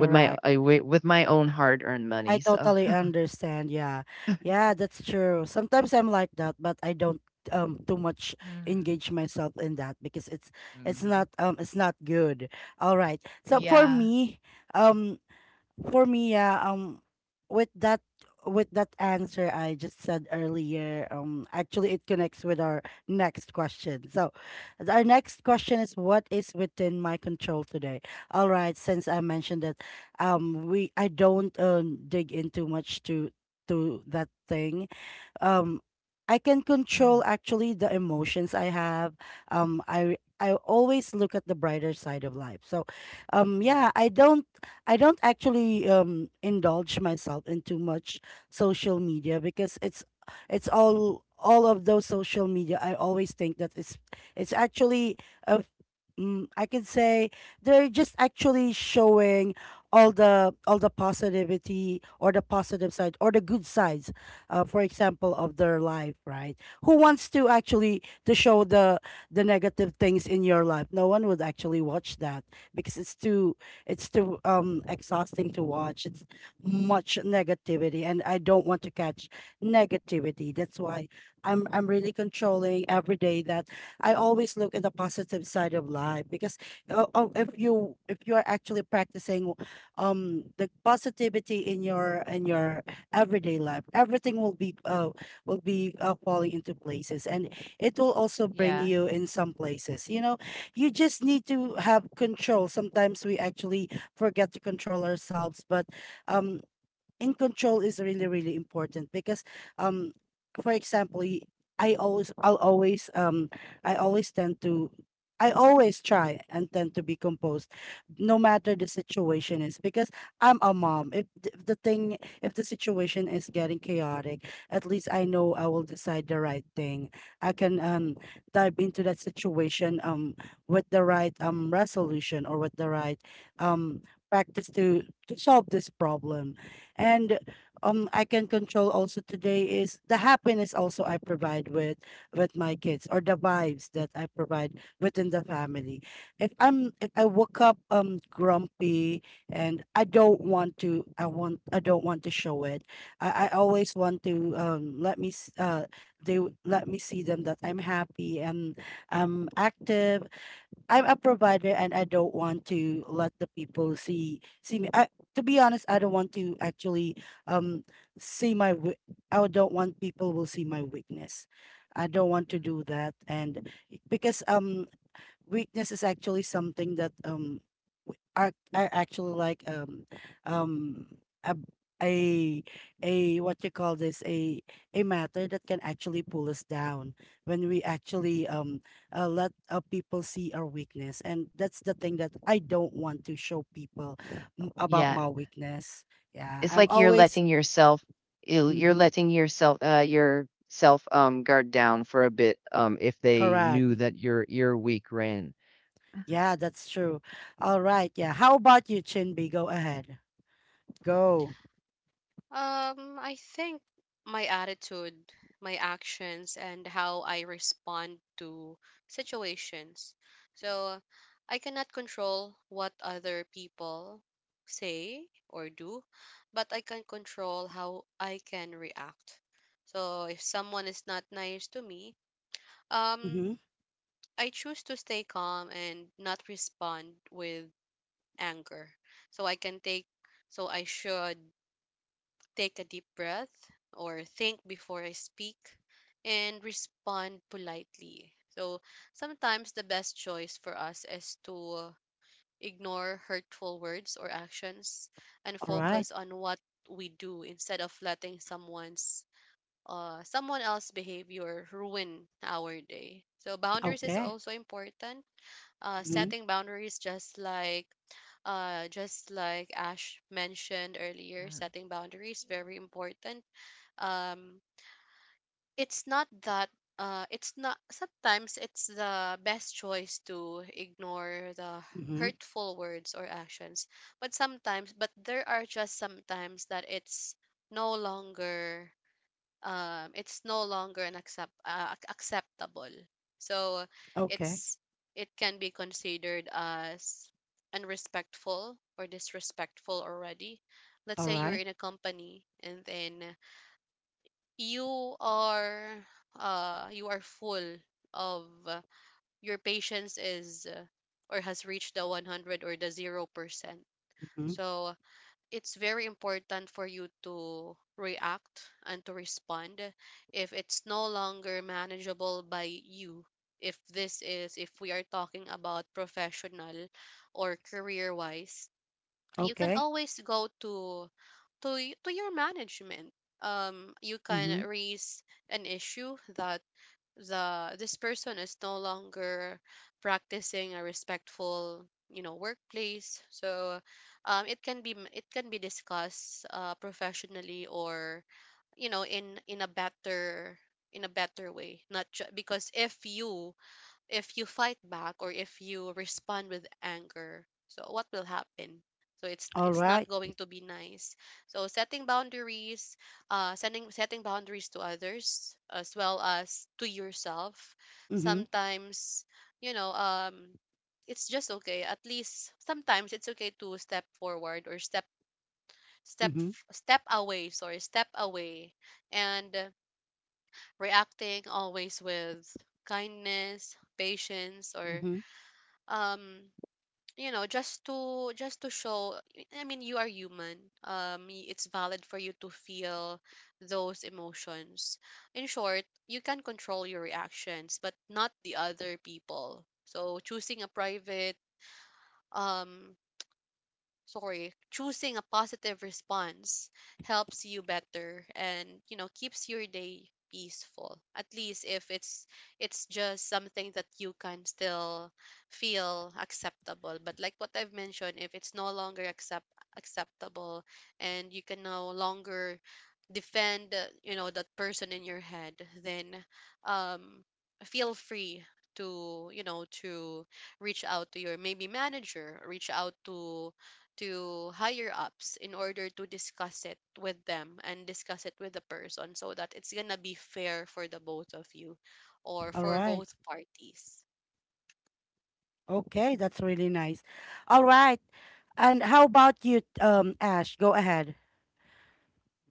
with my with my own hard-earned I money. So totally understand. Yeah. Yeah, that's true. Sometimes I'm like that, but I don't too much mm-hmm, engage myself in that, because it's not um, it's not good. All right. So for yeah. me, um yeah, um, with that with that answer I just said earlier, um, actually it connects with our next question. So our next question is, what is within my control today? All right, since I mentioned that we I don't dig into much to that thing, um, I can Hmm. control actually the emotions I have. I always look at the brighter side of life. So Yeah. yeah, I don't actually indulge myself in too much social media because it's all of those social media, I always think that it's actually a mm, I can say they're just actually showing all the positivity, or the positive side, or the good sides, for example, of their life, right? Who wants to actually to show the negative things in your life? No one would actually watch that, because it's too exhausting to watch. It's much negativity, and I don't want to catch negativity. That's why I'm really controlling every day, that I always look at the positive side of life. Because if you are actually practicing the positivity in your everyday life, everything will be, will be, falling into places, and it will also bring Yeah. you in some places. You know, you just need to have control. Sometimes we actually forget to control ourselves, but, um, and control is really important because, um for example, I always, I'll always, um, i always tend to I always try and tend to be composed no matter the situation is, because I'm a mom. If th- the thing if the situation is getting chaotic, at least I know I will decide the right thing. I can dive into that situation, um, with the right, um, resolution, or with the right, um, practice to solve this problem. And I can control also today is the happiness also I provide with my kids, or the vibes that I provide within the family. If I woke up, um, grumpy, and I don't want to show it. I always want to let me s- they w- let me see them that I'm happy, and I'm active, I'm a provider, and I don't want to let the people see me. I, to be honest, I don't want to actually, um, see my wea- I don't want people will see my weakness. I don't want to Mhm. do that. And because, um, weakness is actually something that, are actually like, um a a, a, what you call this, a matter that can actually pull us down when we actually, um, let, people see our weakness. And that's the thing that I don't want to show people, about Yeah. my weakness. Yeah, It's I'm like you're always, letting yourself, you're mm, letting yourself guard down for a bit if they correct. knew that your ear week ran. Yeah, that's true. All right. Yeah, how about you, Chinby? Go ahead. Go. I think my attitude, my actions, and how I respond to situations. So I cannot control what other people say or do, but I can control how I can react. So if someone is not nice to me, Mm-hmm. um, I choose to stay calm and not respond with anger. So I can take, so I should take a deep breath or think before I speak and respond politely. So sometimes the best choice for us is to ignore hurtful words or actions and All right. focus on what we do instead of letting someone else's behavior ruin our day. So boundaries is Okay. also important. Mm-hmm. Setting boundaries just like Just like Ash mentioned earlier, Mm. setting boundaries very important. um it's not that it's not, sometimes it's the best choice to ignore the Mm-hmm. hurtful words or actions, but sometimes, but there are just sometimes that it's no longer, it's no longer an acceptable, so Okay. it's it can be considered as unrespectful or disrespectful already. Let's All say you're right. in a company, and then you are you are full of your patience is or has reached the 100 or the 0%. Mm-hmm. So it's very important for you to react and to respond if it's no longer manageable by you. If this is, if we are talking about professional or career wise, you can Okay. always go to to your management. You can Mm-hmm. raise an issue that the this person is no longer practicing a respectful, you know, workplace. So it can be it can be discussed professionally, or you know, in in a better way. Not ju- Because if you, if you fight back or if you respond with anger, so what will happen? So it's All it's not right. going to be nice. So setting boundaries, sending setting boundaries to others as well as to yourself. Mm-hmm. Sometimes, you know, it's just okay, at least sometimes it's okay to step forward or step Mm-hmm. step away. Sorry, step away. And reacting always with kindness, patience, or Mm-hmm. um you know, just to show, I mean, you are human. It's valid for you to feel those emotions. In short, you can control your reactions but not the other people. So um choosing a positive response helps you better and, you know, keeps your day peaceful. At least if it's, it's just something that you can still feel acceptable. But like what I've mentioned, if it's no longer acceptable and you can no longer defend, you know, that person in your head, then um feel free to, you know, to reach out to your maybe manager, reach out to higher ups in order to discuss it with them and discuss it with the person so that it's gonna be fair for the both of you, or All for right. both parties. Okay, that's really nice. All right. And how about you, Ash? Go ahead.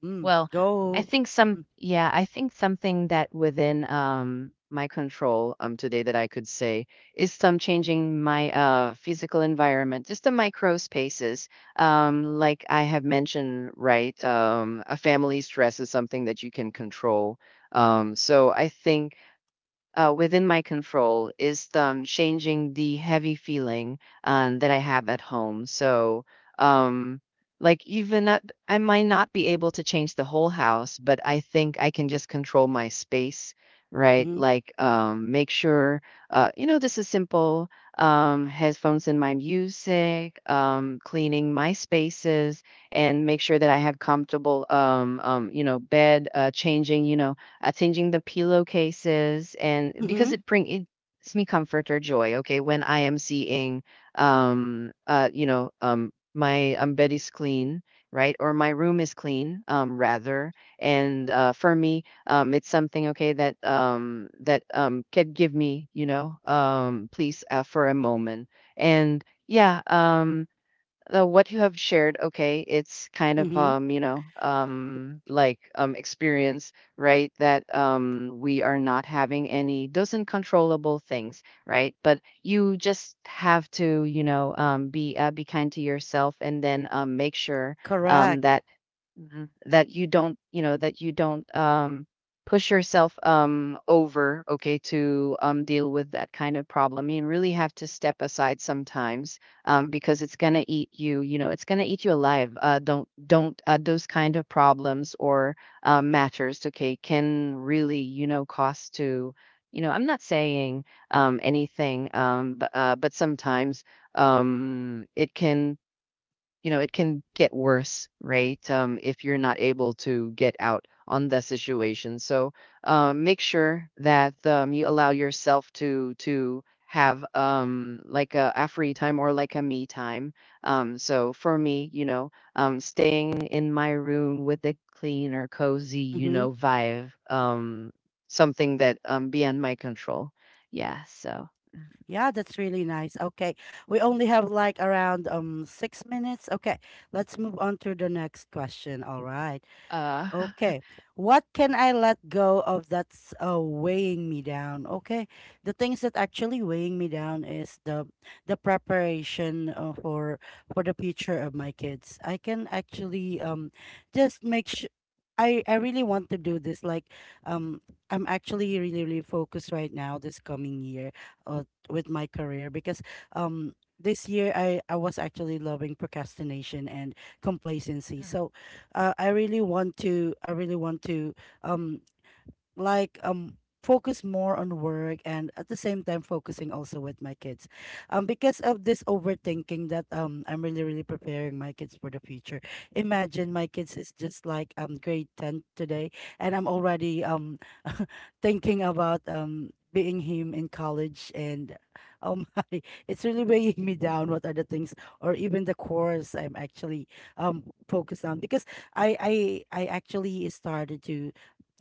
Mm. Well, I Go. think some Mm-hmm. yeah, I think something that within my control today that I could say is some changing my physical environment, just the micro spaces. Like I have mentioned, right? A family stress is something that you can control. So I think within my control is changing the heavy feeling that I have at home. So, um, like, I might not be able to change the whole house, but I think I can just control my space, right? Mm-hmm. Like, make sure, this is simple headphones in my music, cleaning my spaces, and make sure that I have comfortable, bed, changing, changing the pillowcases, and because Mm-hmm. it bring it gives me comfort or joy. Okay, when I am seeing, my bed is clean, right, or my room is clean, rather, and for me, it's something okay that can give me, please for a moment, and yeah, what you have shared, okay, it's kind of Mm-hmm. Experience, right, that we are not having any those uncontrollable things, right, but you just have to, you know, be kind to yourself, and then make sure Correct. that Mhm. That you don't, you know, that you don't push yourself over, okay, to deal with that kind of problem. You really have to step aside sometimes, because it's gonna eat you. You know, it's gonna eat you alive. Don't those kind of problems or matters, okay, can really you know cost to. You know, I'm not saying anything, but sometimes it can, you know, it can get worse, right? If you're not able to get out on the situation. So make sure that, you allow yourself to have, a free time or like a me time. So for me, you know, staying in my room with the clean or cozy, you Mm-hmm. know, vibe, something that beyond my control. Yeah. So Yeah, that's really nice. Okay. We only have like around 6 minutes. Okay. Let's move on to the next question. All right. uh, Okay. What can I let go of that's weighing me down? Okay. The things that actually weighing me down is the preparation for the future of my kids. I can actually just make I really want to do this. Like, um, I'm actually really really focused right now this coming year, uh, with my career because this year I was actually loving procrastination and complacency. So, I really want to I really want to um like um focus more on work and at the same time focusing also with my kids because of this overthinking that I'm really really preparing my kids for the future. Imagine my kids is just like grade 10 today and I'm already thinking about being him in college and oh my it's really weighing me down, what are the things or even the course I'm actually um focused on because i i I actually started to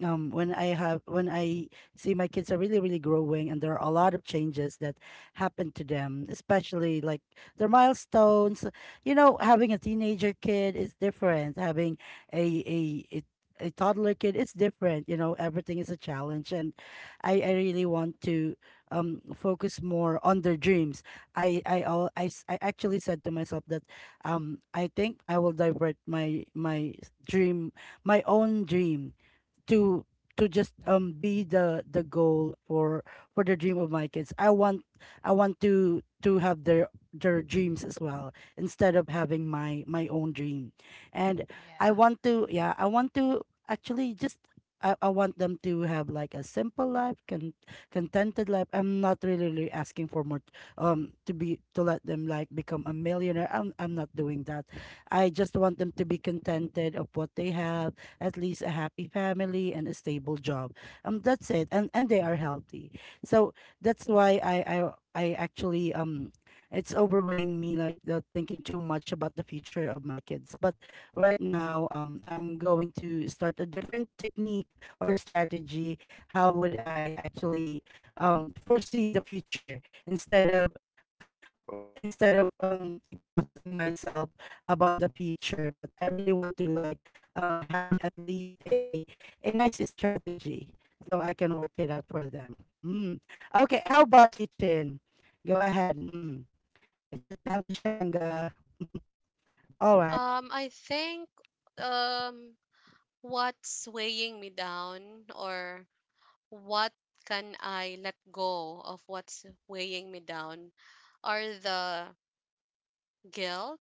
when I see my kids are really really growing, and there are a lot of changes that happen to them, especially like their milestones. You know, having a teenager kid is different, having a a, a a toddler kid it's different. You know, everything is a challenge and I really want to focus more on their dreams. I i al- i, s- I actually said to myself that I think I will divert my dream, my own dream, to to just be the goal for the dream of my kids. I want, I want to have their dreams as well instead of having my own dream. And I want to, yeah, I want to actually just I want them to have like a simple life, contented life. I'm not really, really asking for more to be to let them like become a millionaire. I'm not doing that. I just want them to be contented of what they have, at least a happy family and a stable job. That's it, and they are healthy. So that's why I actually it's overweighing me, like the thinking too much about the future of my kids. But right now, I'm going to start a different technique or strategy. How would I actually foresee the future instead of instead of exhausting myself about the future. But I really want to like have at least a nice strategy so I can work it out for them. Mm. Okay, how about you, Chin? Go ahead. Mm. It's your time to shine, girl. All right. I think um what's weighing me down, or what can I let go of what's weighing me down, are the guilt,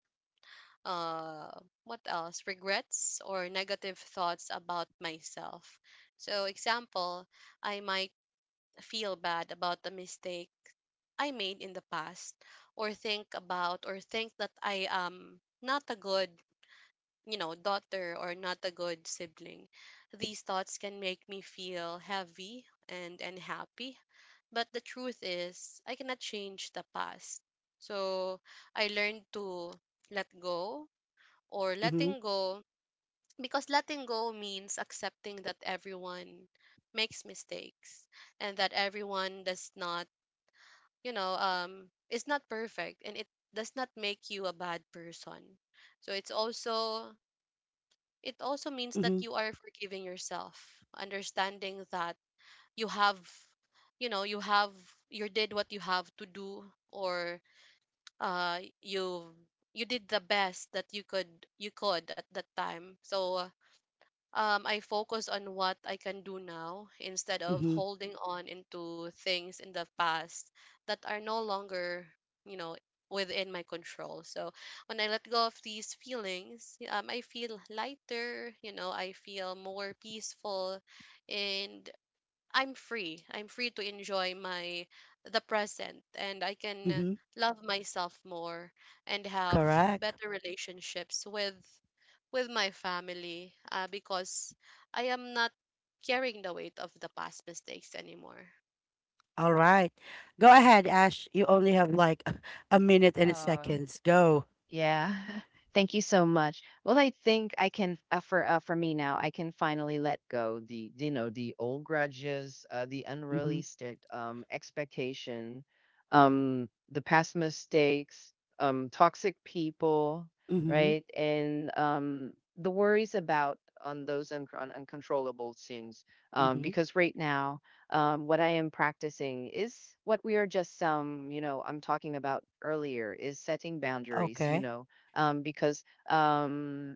uh, what else? Regrets or negative thoughts about myself. So, example, I might feel bad about the mistake I made in the past, or think about, or think that I am not a good, you know, daughter or not a good sibling. These thoughts can make me feel heavy and unhappy. But the truth is, I cannot change the past. So I learned to let go, or Mm-hmm. letting go, because letting go means accepting that everyone makes mistakes and that everyone does not, you know, is not perfect, and it does not make you a bad person. So it's also, it also means that Mm-hmm. you are forgiving yourself, understanding that you have you have, you did what you have to do, or you, you did the best that you could at that time. So I focus on what I can do now instead of Mm-hmm. holding on into things in the past that are no longer, you know, within my control. So when I let go of these feelings, I feel lighter, you know, I feel more peaceful, and I'm free. I'm free to enjoy my the present, and I can Mm-hmm. love myself more and have Correct. better relationships with my family, because I am not carrying the weight of the past mistakes anymore. All right. Go ahead, Ash. You only have like a minute and Yeah. seconds. Go. Yeah. Thank you so much. Well, I think I can, for me now, I can finally let go the you know the old grudges, the Mm-hmm. unrealistic expectation, the past mistakes, toxic people, Mm-hmm. right, and the worries about on uncontrollable things. Mm-hmm. Because right now what I am practicing is what we are just, I'm talking about earlier, is setting boundaries, you Okay. know, because um,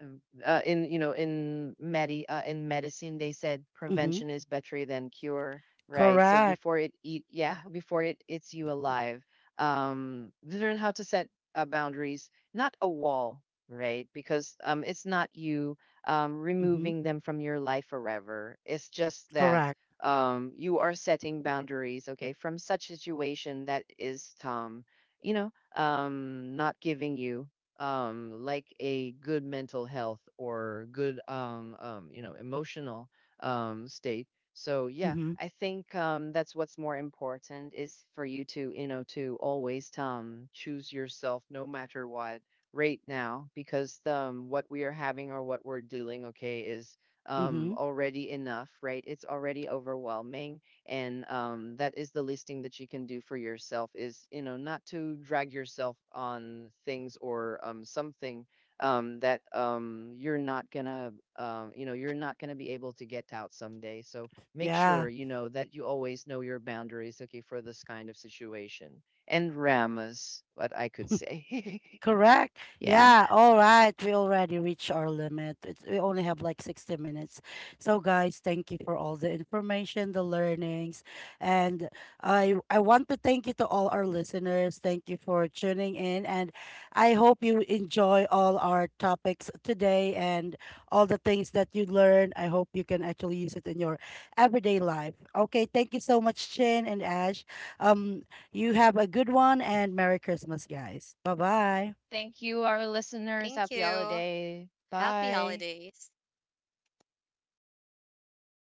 in you know in medi in medicine they said Mm-hmm. prevention is better than cure, right? So Correct. before it eats you alive, learn how to set boundaries, not a wall, right? Because it's not you Mm-hmm. removing them from your life forever, it's just that Correct. You are setting boundaries, okay, from such situation that is you know not giving you like a good mental health or good emotional state. So yeah, Mm-hmm. I think that's what's more important, is for you to, you know, to always choose yourself, no matter what right now, because what we are having or what we're doing, okay, is Mm-hmm. Already enough, right? It's already overwhelming, and that is the listing that you can do for yourself, is you know not to drag yourself on things, or something that you're not gonna, you know, you're not gonna be able to get out someday. So make Yeah. sure, you know, that you always know your boundaries, okay, for this kind of situation. And ramas, what I could say. Correct. Yeah. Yeah. All right. We already reached our limit. It's, we only have like 60 minutes. So, guys, thank you for all the information, the learnings. And I, Oh, I want to thank you to all our listeners. Thank you for tuning in. And I hope you enjoy all our topics today and all the things that you learn. I hope you can actually use it in your everyday life. Okay. Thank you so much, Chin and Ash. Um, you have a good one, and Merry Christmas, guys. Bye bye. thank you, our listeners. Thank Happy you. holiday. Happy Bye. holidays.